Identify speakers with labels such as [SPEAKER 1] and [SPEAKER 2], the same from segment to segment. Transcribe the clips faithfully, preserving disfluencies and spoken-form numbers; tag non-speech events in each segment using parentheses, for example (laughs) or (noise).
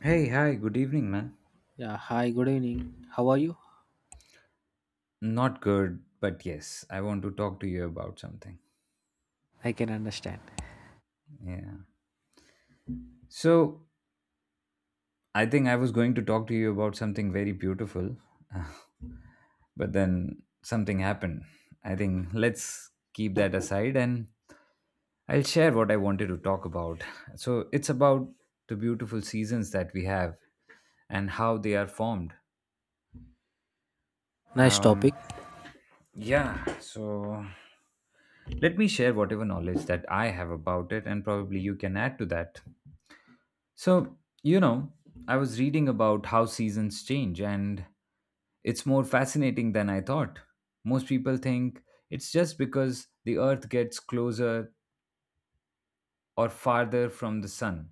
[SPEAKER 1] Hey, hi, good evening, man.
[SPEAKER 2] Yeah, hi, good evening. How are you?
[SPEAKER 1] Not good, but yes, I want to talk to you about something.
[SPEAKER 2] I can understand.
[SPEAKER 1] Yeah. So, I think I was going to talk to you about something very beautiful, (laughs) but then something happened. I think let's keep that aside and I'll share what I wanted to talk about. So, it's about the beautiful seasons that we have and how they are formed.
[SPEAKER 2] Nice
[SPEAKER 1] Um,
[SPEAKER 2] topic.
[SPEAKER 1] yeah, so let me share whatever knowledge that I have about it, and probably you can add to that. So, you know, I was reading about how seasons change, and it's more fascinating than I thought. Most people think it's just because the Earth gets closer or farther from the Sun,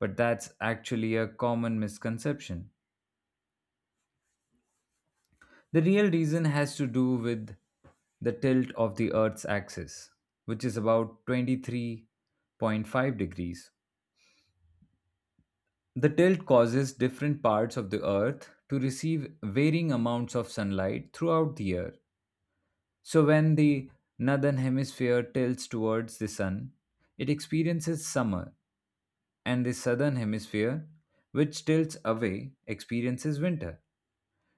[SPEAKER 1] but that's actually a common misconception. The real reason has to do with the tilt of the Earth's axis, which is about twenty three point five degrees. The tilt causes different parts of the Earth to receive varying amounts of sunlight throughout the year. So, when the northern hemisphere tilts towards the sun, it experiences summer, and the southern hemisphere, which tilts away, experiences winter.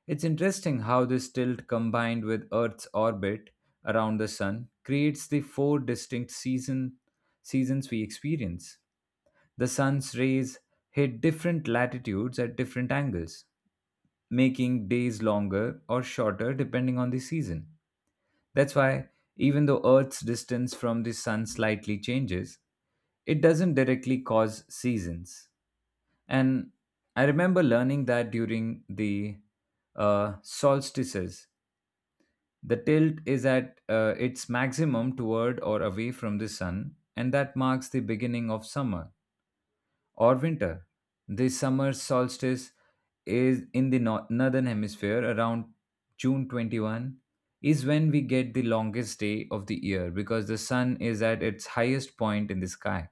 [SPEAKER 1] It's interesting how this tilt combined with Earth's orbit around the sun creates the four distinct season, seasons we experience. The sun's rays hit different latitudes at different angles, making days longer or shorter depending on the season. That's why, even though Earth's distance from the sun slightly changes, it doesn't directly cause seasons. And I remember learning that during the uh, solstices, the tilt is at uh, its maximum toward or away from the sun, and that marks the beginning of summer or winter. The summer solstice is in the nor- northern hemisphere around June twenty-first is when we get the longest day of the year because the sun is at its highest point in the sky.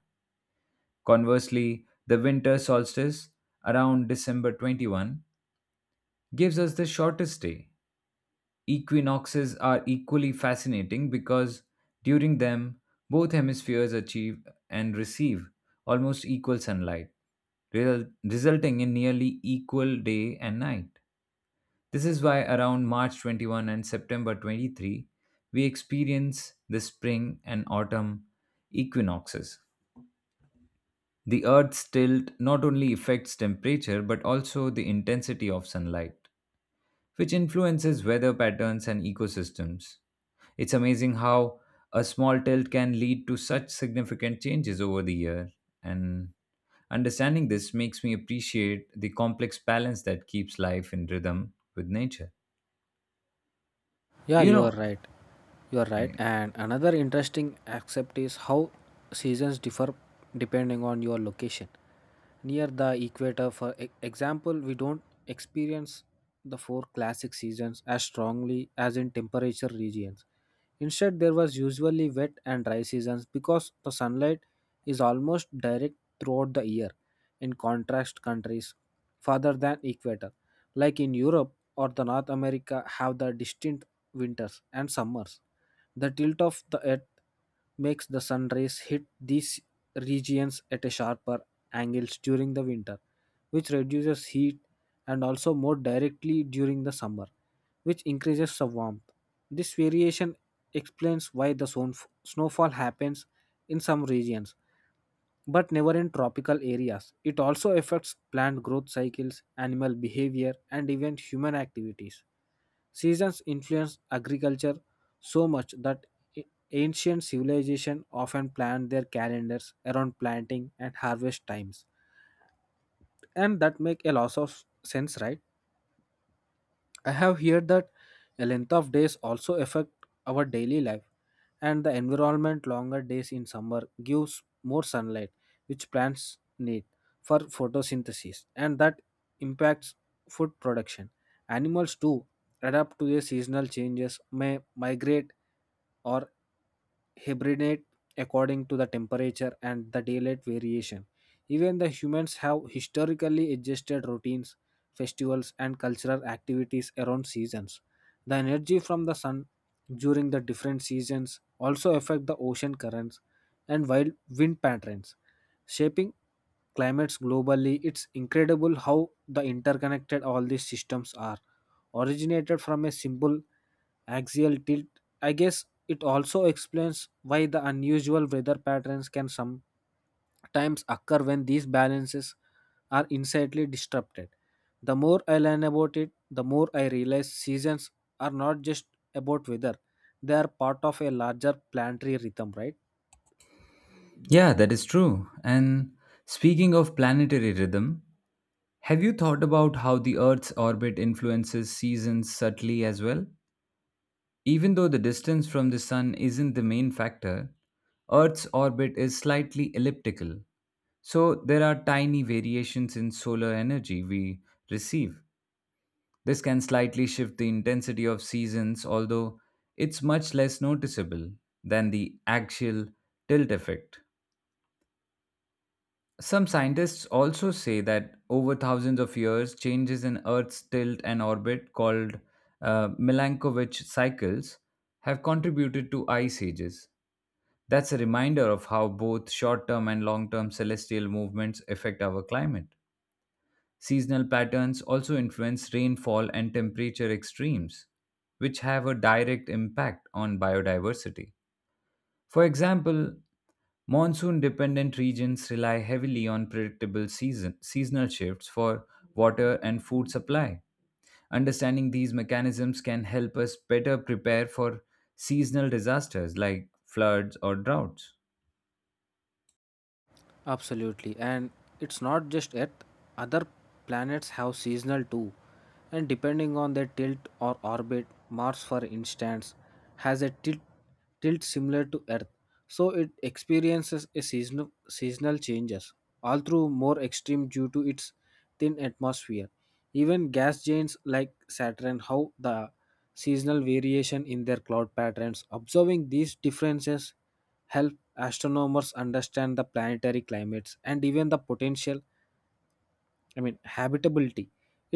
[SPEAKER 1] Conversely, the winter solstice around December twenty-first gives us the shortest day. Equinoxes are equally fascinating because during them, both hemispheres achieve and receive almost equal sunlight, result- resulting in nearly equal day and night. This is why around March twenty-first and September twenty-third, we experience the spring and autumn equinoxes. The Earth's tilt not only affects temperature but also the intensity of sunlight, which influences weather patterns and ecosystems. It's amazing how a small tilt can lead to such significant changes over the year, and understanding this makes me appreciate the complex balance that keeps life in rhythm with nature.
[SPEAKER 2] Yeah,
[SPEAKER 1] You
[SPEAKER 2] you are
[SPEAKER 1] know,
[SPEAKER 2] right. You are right.
[SPEAKER 1] yeah,
[SPEAKER 2] And another interesting aspect is how seasons differ depending on your location. Near the equator, for e- example, we don't experience the four classic seasons as strongly as in temperature regions. Instead, there was usually wet and dry seasons because the sunlight is almost direct throughout the year in contrast countries farther than equator like in Europe or the North America have the distinct winters and summers. The tilt of the earth makes the sun rays hit these regions at a sharper angles during the winter, which reduces heat, and also more directly during the summer, which increases the warmth. This variation explains why the snow- snowfall happens in some regions but never in tropical areas. It also affects plant growth cycles, animal behavior, and even human activities. Seasons influenced agriculture so much that a- ancient civilization often planned their calendars around planting and harvest times. And that make a lot of sense, right? I have heard that a length of days also affect our daily life and the environment. Longer days in summer gives more sunlight which plants need for photosynthesis, and that impacts food production. Animals too adapt to the seasonal changes, may migrate or hibernate according to the temperature and the daylight variation. Even the humans have historically adjusted routines, festivals, and cultural activities around seasons. The energy from the sun during the different seasons also affect the ocean currents and wild wind patterns, shaping climates globally. It's incredible how the interconnected all these systems are originated from a simple axial tilt. I guess it also explains why the unusual weather patterns can sometimes occur when these balances are insanely disrupted. The more I learn about it, the more I realize seasons are not just about weather, they are part of a larger planetary rhythm, right?
[SPEAKER 1] yeah, that is true. And speaking of planetary rhythm, have you thought about how the Earth's orbit influences seasons subtly as well? Even though the distance from the Sun isn't the main factor, Earth's orbit is slightly elliptical, so there are tiny variations in solar energy we receive. This can slightly shift the intensity of seasons, although it's much less noticeable than the axial tilt effect. Some scientists also say that over thousands of years, changes in Earth's tilt and orbit, called uh, Milankovitch cycles, have contributed to ice ages. That's a reminder of how both short term and long term celestial movements affect our climate. Seasonal patterns also influence rainfall and temperature extremes, which have a direct impact on biodiversity. For example, monsoon dependent regions rely heavily on predictable season, seasonal shifts for water and food supply. Understanding these mechanisms can help us better prepare for seasonal disasters like floods or droughts.
[SPEAKER 2] Absolutely. And it's not just Earth, other planets have seasonal too. And depending on their tilt or orbit, Mars, for instance, has a tilt, tilt similar to Earth. So it experiences a seasonal, seasonal changes, all through more extreme due to its thin atmosphere. Even gas giants like Saturn have the seasonal variation in their cloud patterns. Observing these differences help astronomers understand the planetary climates and even the potential I mean habitability.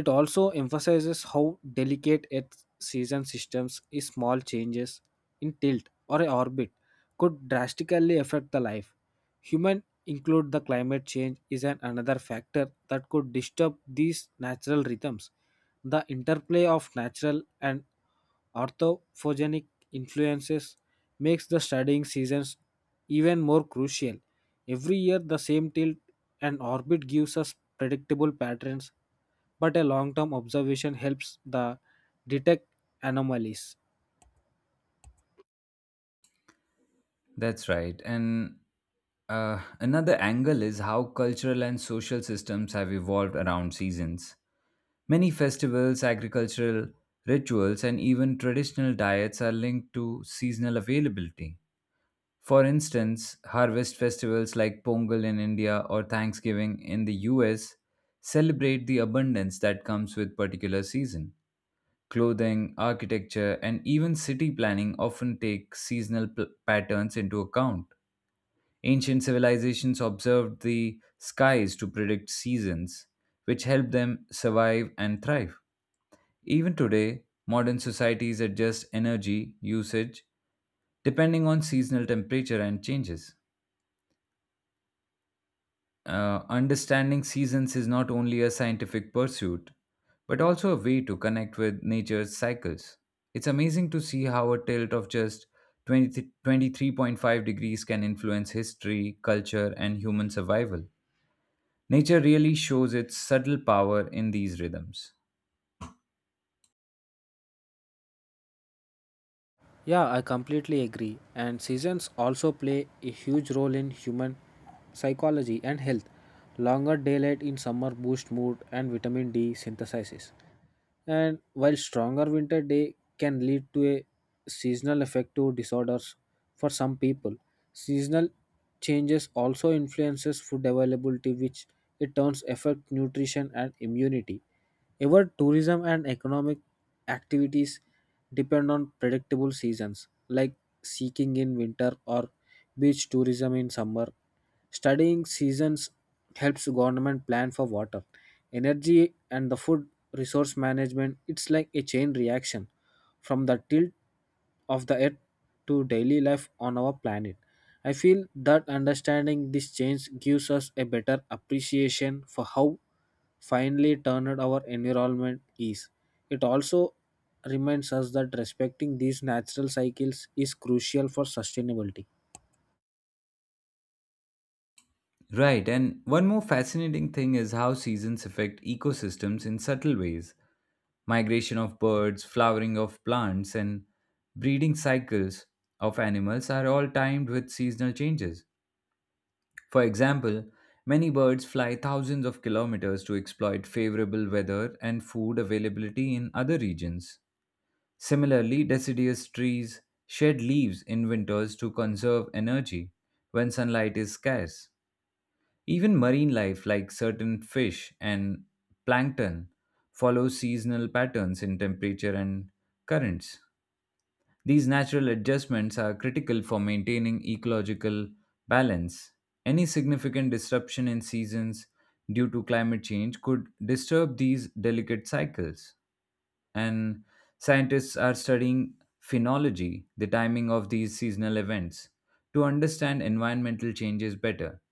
[SPEAKER 2] It also emphasizes how delicate earth's season systems is. Small changes in tilt or a orbit could drastically affect the life, human include. The climate change is an another factor that could disturb these natural rhythms. The interplay of natural and orthophonic influences makes the studying seasons even more crucial. Every year the same tilt and orbit gives us predictable patterns, but a long-term observation helps the detect anomalies.
[SPEAKER 1] That's right. And Uh, another angle is how cultural and social systems have evolved around seasons. Many festivals, agricultural rituals, and even traditional diets are linked to seasonal availability. For instance, harvest festivals like Pongal in India or Thanksgiving in the U S celebrate the abundance that comes with particular season. Clothing, architecture, and even city planning often take seasonal p- patterns into account. Ancient civilizations observed the skies to predict seasons, which helped them survive and thrive. Even today, modern societies adjust energy usage depending on seasonal temperature and changes. Uh, understanding seasons is not only a scientific pursuit, but also a way to connect with nature's cycles. It's amazing to see how a tilt of just twenty twenty three point five degrees can influence history, culture, and human survival. Nature really shows its subtle power in these rhythms.
[SPEAKER 2] Yeah, I completely agree. And seasons also play a huge role in human psychology and health. Longer daylight in summer boosts mood and vitamin D synthesizes, and while stronger winter day can lead to a seasonal affective disorders for some people. Seasonal changes also influences food availability which it turns affect nutrition and immunity. Ever tourism and economic activities depend on predictable seasons like seeking in winter or beach tourism in summer. Studying seasons helps government plan for water, energy, and the food resource management. It's like a chain reaction from the tilt of the earth to daily life on our planet. I feel that understanding this change gives us a better appreciation for how finely tuned our environment is. It also reminds us that respecting these natural cycles is crucial for sustainability.
[SPEAKER 1] Right, and one more fascinating thing is how seasons affect ecosystems in subtle ways. Migration of birds, flowering of plants, and breeding cycles of animals are all timed with seasonal changes. For example, many birds fly thousands of kilometers to exploit favorable weather and food availability in other regions. Similarly, deciduous trees shed leaves in winters to conserve energy when sunlight is scarce. Even marine life, like certain fish and plankton, follows seasonal patterns in temperature and currents. These natural adjustments are critical for maintaining ecological balance. Any significant disruption in seasons due to climate change could disturb these delicate cycles, and scientists are studying phenology, the timing of these seasonal events, to understand environmental changes better.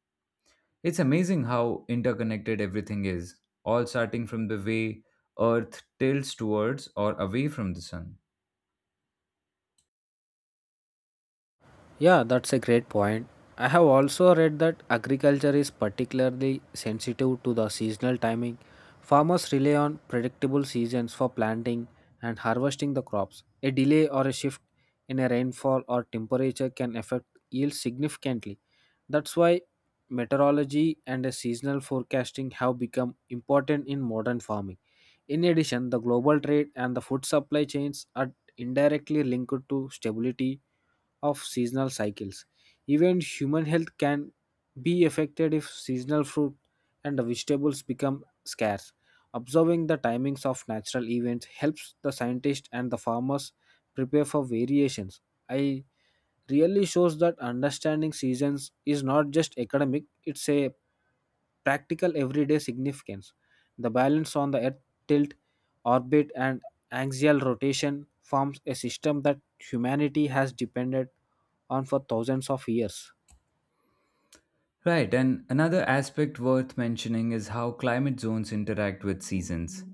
[SPEAKER 1] It's amazing how interconnected everything is, all starting from the way Earth tilts towards or away from the sun.
[SPEAKER 2] Yeah, that's a great point. I have also read that agriculture is particularly sensitive to the seasonal timing. Farmers rely on predictable seasons for planting and harvesting the crops. A delay or a shift in a rainfall or temperature can affect yield significantly. That's why meteorology and a seasonal forecasting have become important in modern farming. In addition, the global trade and the food supply chains are indirectly linked to stability of seasonal cycles. Even human health can be affected if seasonal fruit and vegetables become scarce. Observing the timings of natural events helps the scientists and the farmers prepare for variations. I really shows that understanding seasons is not just academic, it's a practical everyday significance. The balance on the Earth tilt, orbit, and axial rotation forms a system that humanity has depended on for thousands of years.
[SPEAKER 1] Right, and another aspect worth mentioning is how climate zones interact with seasons.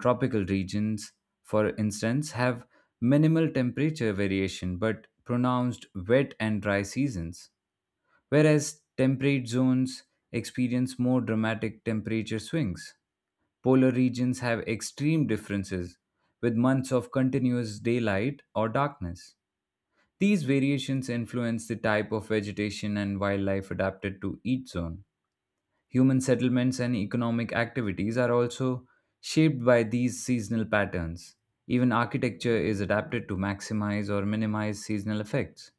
[SPEAKER 1] Tropical regions, for instance, have minimal temperature variation but pronounced wet and dry seasons, whereas temperate zones experience more dramatic temperature swings. Polar regions have extreme differences, with months of continuous daylight or darkness. These variations influence the type of vegetation and wildlife adapted to each zone. Human settlements and economic activities are also shaped by these seasonal patterns. Even architecture is adapted to maximize or minimize seasonal effects.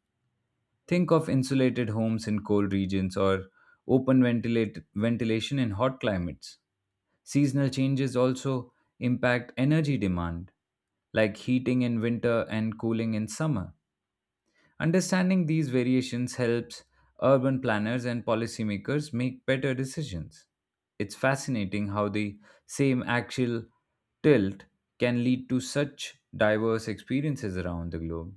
[SPEAKER 1] Think of insulated homes in cold regions or open ventilate, ventilation in hot climates. Seasonal changes also impact energy demand, like heating in winter and cooling in summer. Understanding these variations helps urban planners and policymakers make better decisions. It's fascinating how the same axial tilt can lead to such diverse experiences around the globe.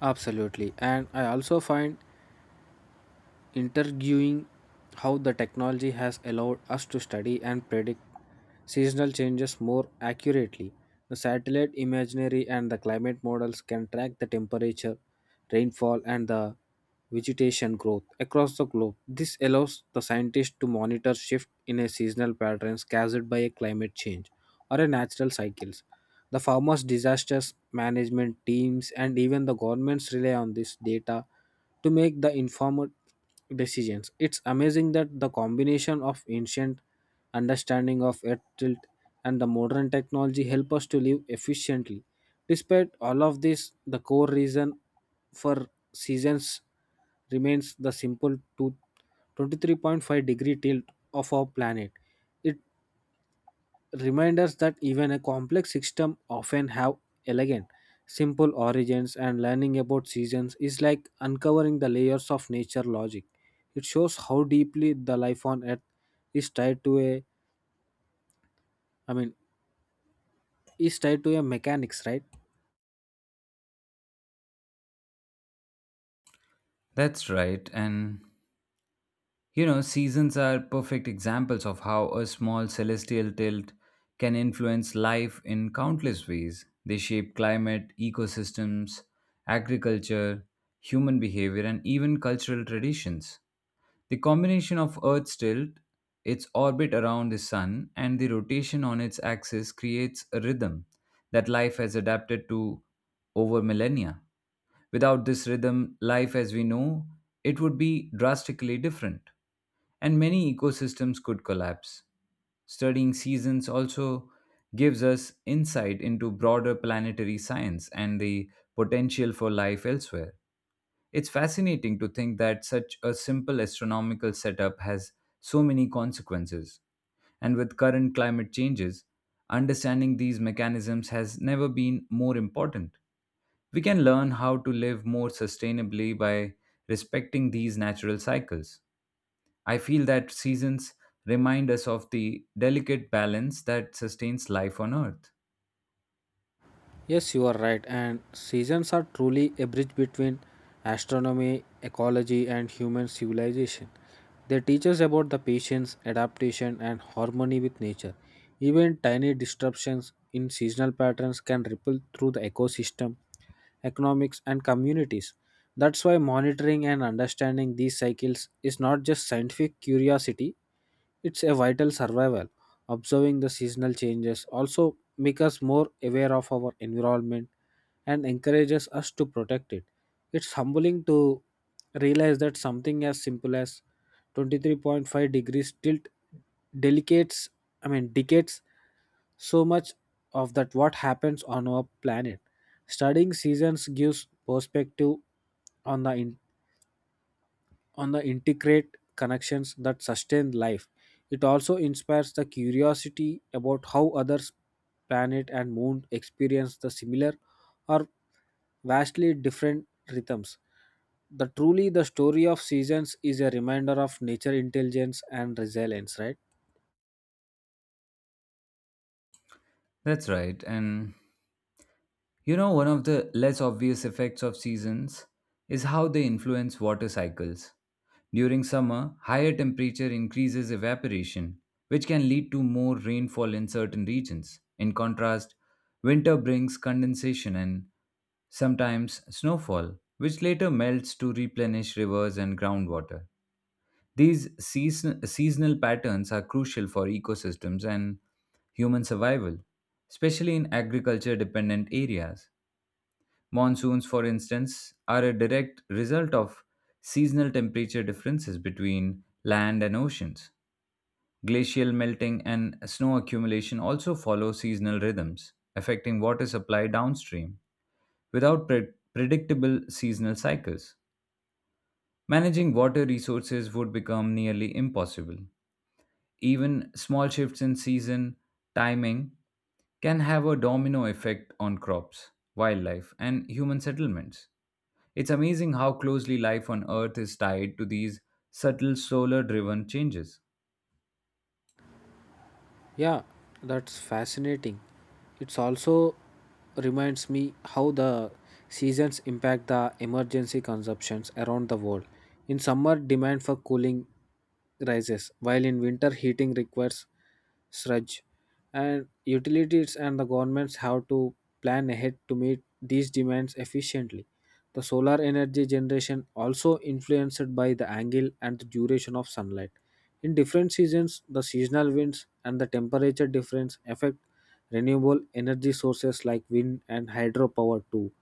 [SPEAKER 2] Absolutely. And I also find interviewing how the technology has allowed us to study and predict seasonal changes more accurately. The satellite imagery and the climate models can track the temperature, rainfall, and the vegetation growth across the globe. This allows the scientists to monitor shift in a seasonal patterns caused by a climate change or a natural cycles. The farmers' disasters management teams and even the governments rely on this data to make the informed decisions. It's amazing that the combination of ancient understanding of earth tilt and the modern technology help us to live efficiently. Despite all of this, the core reason for seasons remains the simple to twenty-three point five degree tilt of our planet. It reminders that even a complex system often have elegant, simple origins, and learning about seasons is like uncovering the layers of nature logic. It shows how deeply the life on earth is tied to a I mean is tied to a mechanics, right?
[SPEAKER 1] That's right, and You know, seasons are perfect examples of how a small celestial tilt can influence life in countless ways. They shape climate, ecosystems, agriculture, human behavior, and even cultural traditions. The combination of Earth's tilt, its orbit around the sun, and the rotation on its axis creates a rhythm that life has adapted to over millennia. Without this rhythm, life as we know it would be drastically different, and many ecosystems could collapse. Studying seasons also gives us insight into broader planetary science and the potential for life elsewhere. It's fascinating to think that such a simple astronomical setup has so many consequences. And with current climate changes, understanding these mechanisms has never been more important. We can learn how to live more sustainably by respecting these natural cycles. I feel that seasons remind us of the delicate balance that sustains life on Earth.
[SPEAKER 2] Yes, you are right. And seasons are truly a bridge between astronomy, ecology, and human civilization. They teach us about the patience, adaptation, and harmony with nature. Even tiny disruptions in seasonal patterns can ripple through the ecosystem, economics, and communities. That's why monitoring and understanding these cycles is not just scientific curiosity, it's a vital survival. Observing the seasonal changes also make us more aware of our environment, and encourages us to protect it. It's humbling to realize that something as simple as twenty-three point five degrees tilt delicates I mean decades so much of that what happens on our planet. Studying seasons gives perspective on the on the integrate connections that sustain life. It also inspires the curiosity about how others planet and moon experience the similar or vastly different rhythms. The truly the story of seasons is a reminder of nature intelligence and resilience, right?
[SPEAKER 1] That's right, and You know, one of the less obvious effects of seasons is how they influence water cycles. During summer, higher temperature increases evaporation, which can lead to more rainfall in certain regions. In contrast, winter brings condensation and sometimes snowfall, which later melts to replenish rivers and groundwater. These season- seasonal patterns are crucial for ecosystems and human survival, especially in agriculture dependent areas. Monsoons, for instance, are a direct result of seasonal temperature differences between land and oceans. Glacial melting and snow accumulation also follow seasonal rhythms, affecting water supply downstream. Without pre- predictable seasonal cycles, managing water resources would become nearly impossible. Even small shifts in season timing can have a domino effect on crops, wildlife, and human settlements. It's amazing how closely life on Earth is tied to these subtle solar driven changes.
[SPEAKER 2] Yeah, that's fascinating. It's also reminds me how the seasons impact the emergency consumptions around the world. In summer, demand for cooling rises, while in winter heating requires surge. And utilities and the governments have to plan ahead to meet these demands efficiently. The solar energy generation also influenced by the angle and the duration of sunlight. In different seasons, the seasonal winds and the temperature difference affect renewable energy sources like wind and hydropower too.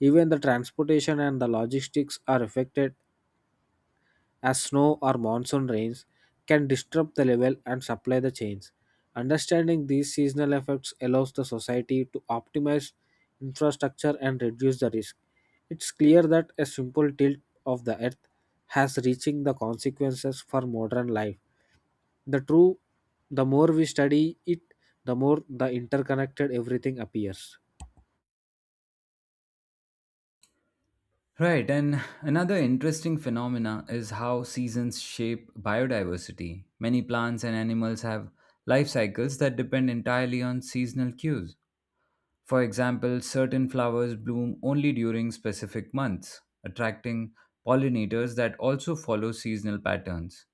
[SPEAKER 2] Even the transportation and the logistics are affected as snow or monsoon rains can disturb the level and supply the chains. Understanding these seasonal effects allows the society to optimize infrastructure and reduce the risk. It's clear that a simple tilt of the earth has reaching the consequences for modern life. The true the more we study it, the more the interconnected everything appears.
[SPEAKER 1] Right, and another interesting phenomena is how seasons shape biodiversity. Many plants and animals have life cycles that depend entirely on seasonal cues. For example, certain flowers bloom only during specific months, attracting pollinators that also follow seasonal patterns.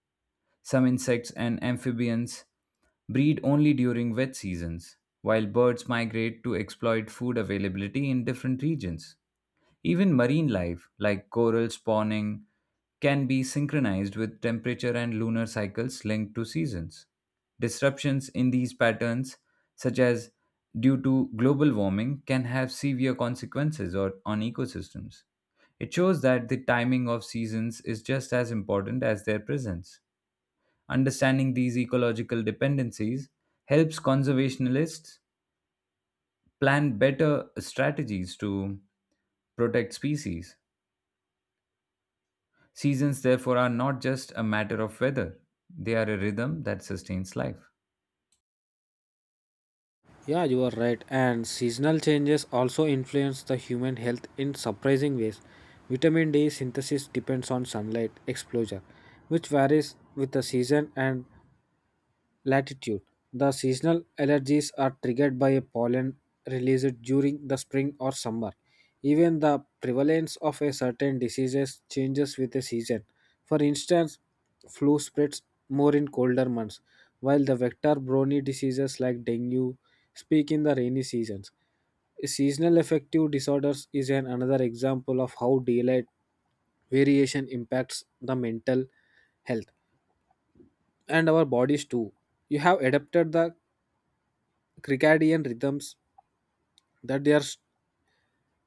[SPEAKER 1] Some insects and amphibians breed only during wet seasons, while birds migrate to exploit food availability in different regions. Even marine life, like coral spawning, can be synchronized with temperature and lunar cycles linked to seasons. Disruptions in these patterns, such as due to global warming, can have severe consequences or on ecosystems. It shows that the timing of seasons is just as important as their presence. Understanding these ecological dependencies helps conservationists plan better strategies to protect species. Seasons, therefore, are not just a matter of weather, they are a rhythm that sustains life.
[SPEAKER 2] Yeah, you are right. And seasonal changes also influence the human health in surprising ways. Vitamin D synthesis depends on sunlight exposure, which varies with the season and latitude. The seasonal allergies are triggered by a pollen released during the spring or summer. Even the prevalence of a certain diseases changes with the season. For instance, flu spreads more in colder months, while the vector borne diseases like dengue speak in the rainy seasons. Seasonal affective disorders is an another example of how daylight variation impacts the mental health, and our bodies too. You have adapted the circadian rhythms that they are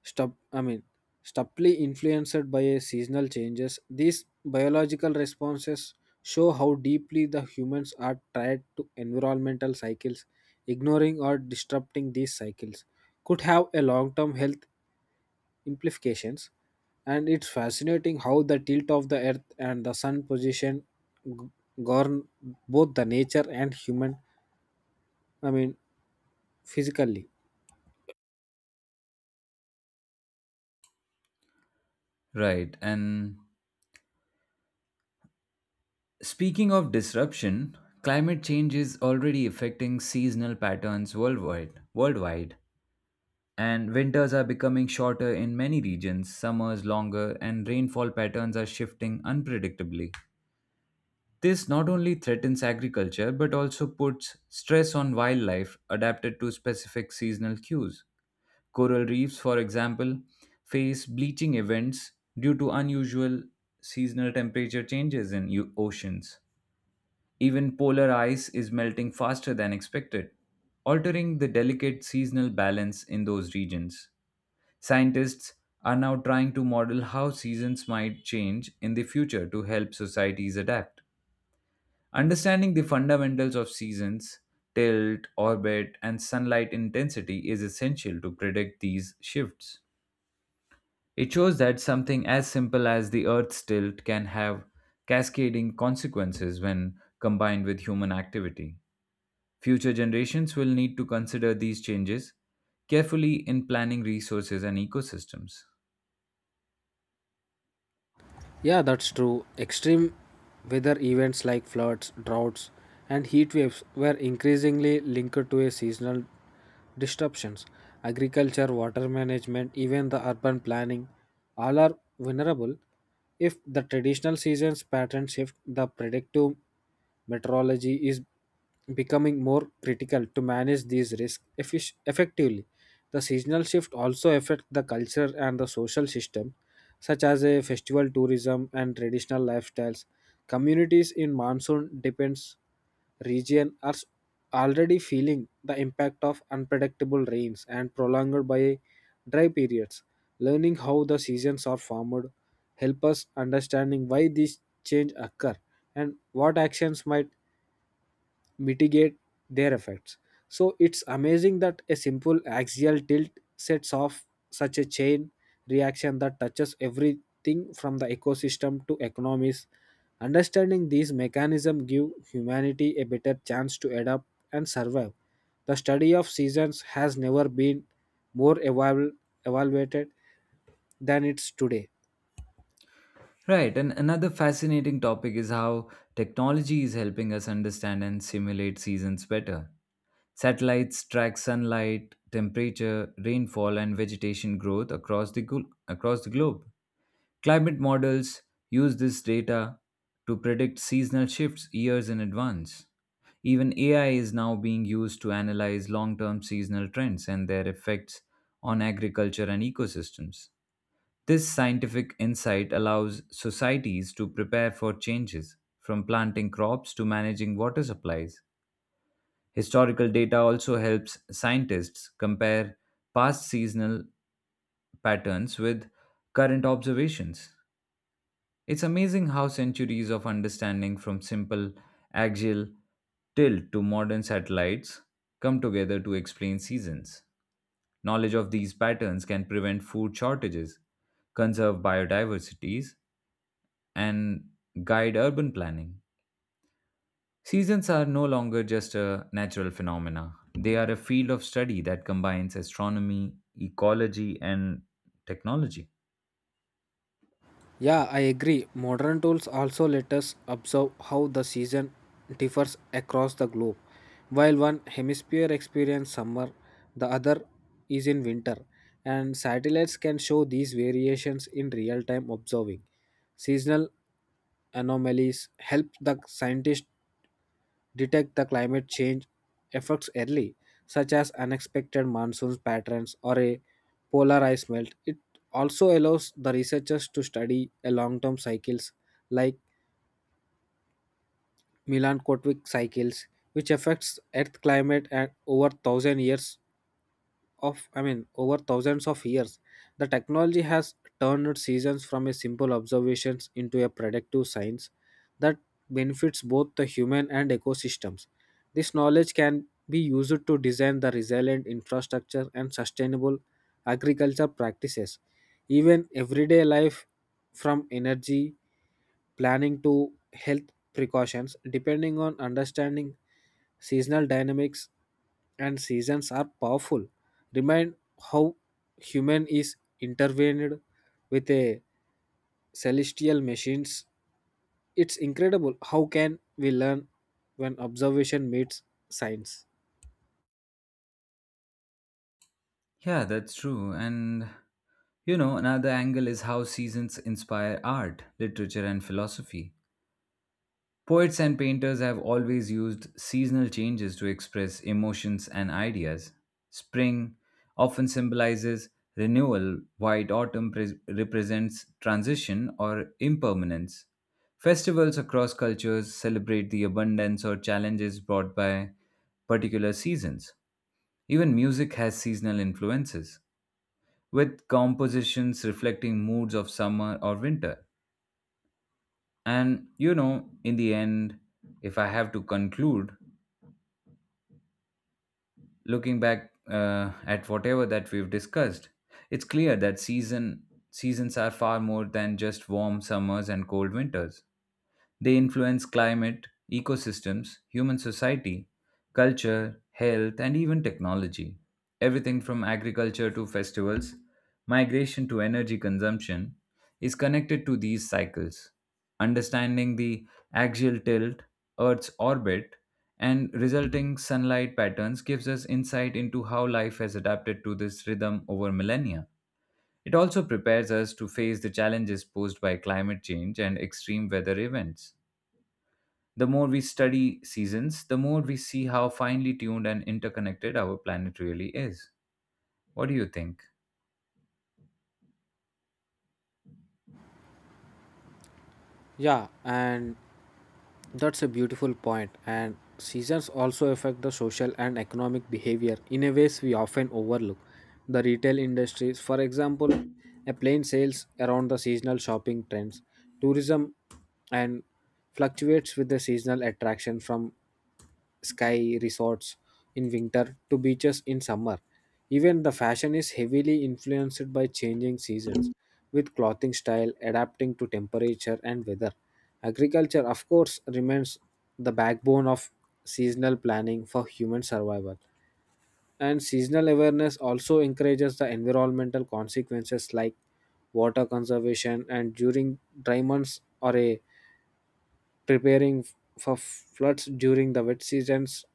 [SPEAKER 2] stub I mean subtly influenced by a seasonal changes. These biological responses show how deeply the humans are tied to environmental cycles. Ignoring or disrupting these cycles could have a long-term health implications. And it's fascinating how the tilt of the earth and the sun position g- govern both the nature and human, I mean, physically.
[SPEAKER 1] Right. And speaking of disruption, climate change is already affecting seasonal patterns worldwide. Worldwide. And winters are becoming shorter in many regions, summers longer, and rainfall patterns are shifting unpredictably. This not only threatens agriculture but also puts stress on wildlife adapted to specific seasonal cues. Coral reefs, for example, face bleaching events due to unusual seasonal temperature changes in u- oceans. Even polar ice is melting faster than expected, altering the delicate seasonal balance in those regions. Scientists are now trying to model how seasons might change in the future to help societies adapt. Understanding the fundamentals of seasons, tilt, orbit, and sunlight intensity is essential to predict these shifts. It shows that something as simple as the Earth's tilt can have cascading consequences when combined with human activity. Future generations will need to consider these changes carefully in planning resources and ecosystems.
[SPEAKER 2] Yeah, that's true. Extreme weather events like floods, droughts, and heat waves were increasingly linked to a seasonal disruptions. Agriculture, water management, even the urban planning, all are vulnerable if the traditional seasons pattern shift. The predictive meteorology is becoming more critical to manage these risks effic- effectively. The seasonal shift also affect the culture and the social system, such as a festival, tourism, and traditional lifestyles. Communities in monsoon depends region are s- already feeling the impact of unpredictable rains and prolonged by dry periods. Learning how the seasons are formed help us understanding why these change occur and what actions might mitigate their effects. So it's amazing that a simple axial tilt sets off such a chain reaction that touches everything from the ecosystem to economies. Understanding these mechanisms give humanity a better chance to adapt and survive. The study of seasons has never been more eval- evaluated than it's today.
[SPEAKER 1] Right, and another fascinating topic is how technology is helping us understand and simulate seasons better. Satellites track sunlight, temperature, rainfall, and vegetation growth across the, glo- across the globe. Climate models use this data to predict seasonal shifts years in advance. Even A I is now being used to analyze long term seasonal trends and their effects on agriculture and ecosystems. This scientific insight allows societies to prepare for changes, from planting crops to managing water supplies. Historical data also helps scientists compare past seasonal patterns with current observations. It's amazing how centuries of understanding from simple axial tilt to modern satellites come together to explain seasons. Knowledge of these patterns can prevent food shortages, conserve biodiversities, and guide urban planning. Seasons are no longer just a natural phenomena. They are a field of study that combines astronomy, ecology, and technology.
[SPEAKER 2] Yeah, I agree. Modern tools also let us observe how the season differs across the globe. While one hemisphere experiences summer, the other is in winter, and satellites can show these variations in real time observing. Seasonal anomalies help the scientists detect the climate change effects early, such as unexpected monsoon patterns or a polar ice melt. It also allows the researchers to study a long-term cycles like milan cycles, which affects Earth climate at over thousand years of I mean over thousands of years. The technology has turned seasons from a simple observations into a predictive science that benefits both the human and ecosystems. This knowledge can be used to design the resilient infrastructure and sustainable agriculture practices. Even everyday life, from energy planning to health precautions, depending on understanding seasonal dynamics. And seasons are powerful. Remind how human is intervened with a celestial machines. It's incredible how can we learn when observation meets science.
[SPEAKER 1] Yeah, that's true. And you know, another angle is how seasons inspire art, literature, and philosophy. Poets and painters have always used seasonal changes to express emotions and ideas. Spring often symbolizes renewal, while autumn pres represents transition or impermanence. Festivals across cultures celebrate the abundance or challenges brought by particular seasons. Even music has seasonal influences, with compositions reflecting moods of summer or winter. And you know, in the end, if I have to conclude, looking back uh, at whatever that we've discussed, it's clear that season seasons are far more than just warm summers and cold winters. They influence climate, ecosystems, human society, culture, health, and even technology. Everything from agriculture to festivals, migration to energy consumption is connected to these cycles. Understanding the axial tilt, Earth's orbit, and resulting sunlight patterns gives us insight into how life has adapted to this rhythm over millennia. It also prepares us to face the challenges posed by climate change and extreme weather events. The more we study seasons, the more we see how finely tuned and interconnected our planet really is. What do you think?
[SPEAKER 2] Yeah, and that's a beautiful point. And seasons also affect the social and economic behavior in a ways we often overlook. The retail industries, for example, a plane sales around the seasonal shopping trends. Tourism and fluctuates with the seasonal attraction from sky resorts in winter to beaches in summer. Even the fashion is heavily influenced by changing seasons, with clothing style adapting to temperature and weather. Agriculture, of course, remains the backbone of seasonal planning for human survival. And seasonal awareness also encourages the environmental consequences like water conservation and during dry months or a preparing for floods during the wet seasons.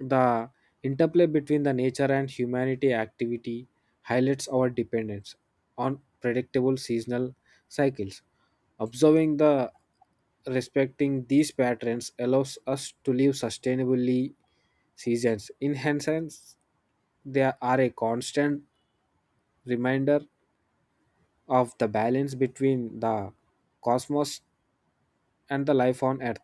[SPEAKER 2] The interplay between the nature and humanity activity highlights our dependence on predictable seasonal cycles. Observing the respecting these patterns allows us to live sustainably seasons. In essence, they are a constant reminder of the balance between the cosmos and the life on earth.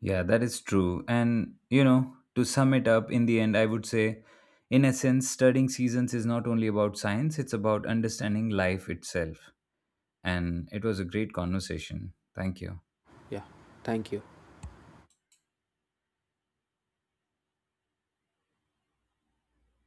[SPEAKER 1] Yeah, that is true. And, you know, to sum it up, in the end, I would say, in essence, studying seasons is not only about science, it's about understanding life itself. And it was a great conversation. Thank you.
[SPEAKER 2] Yeah, thank you.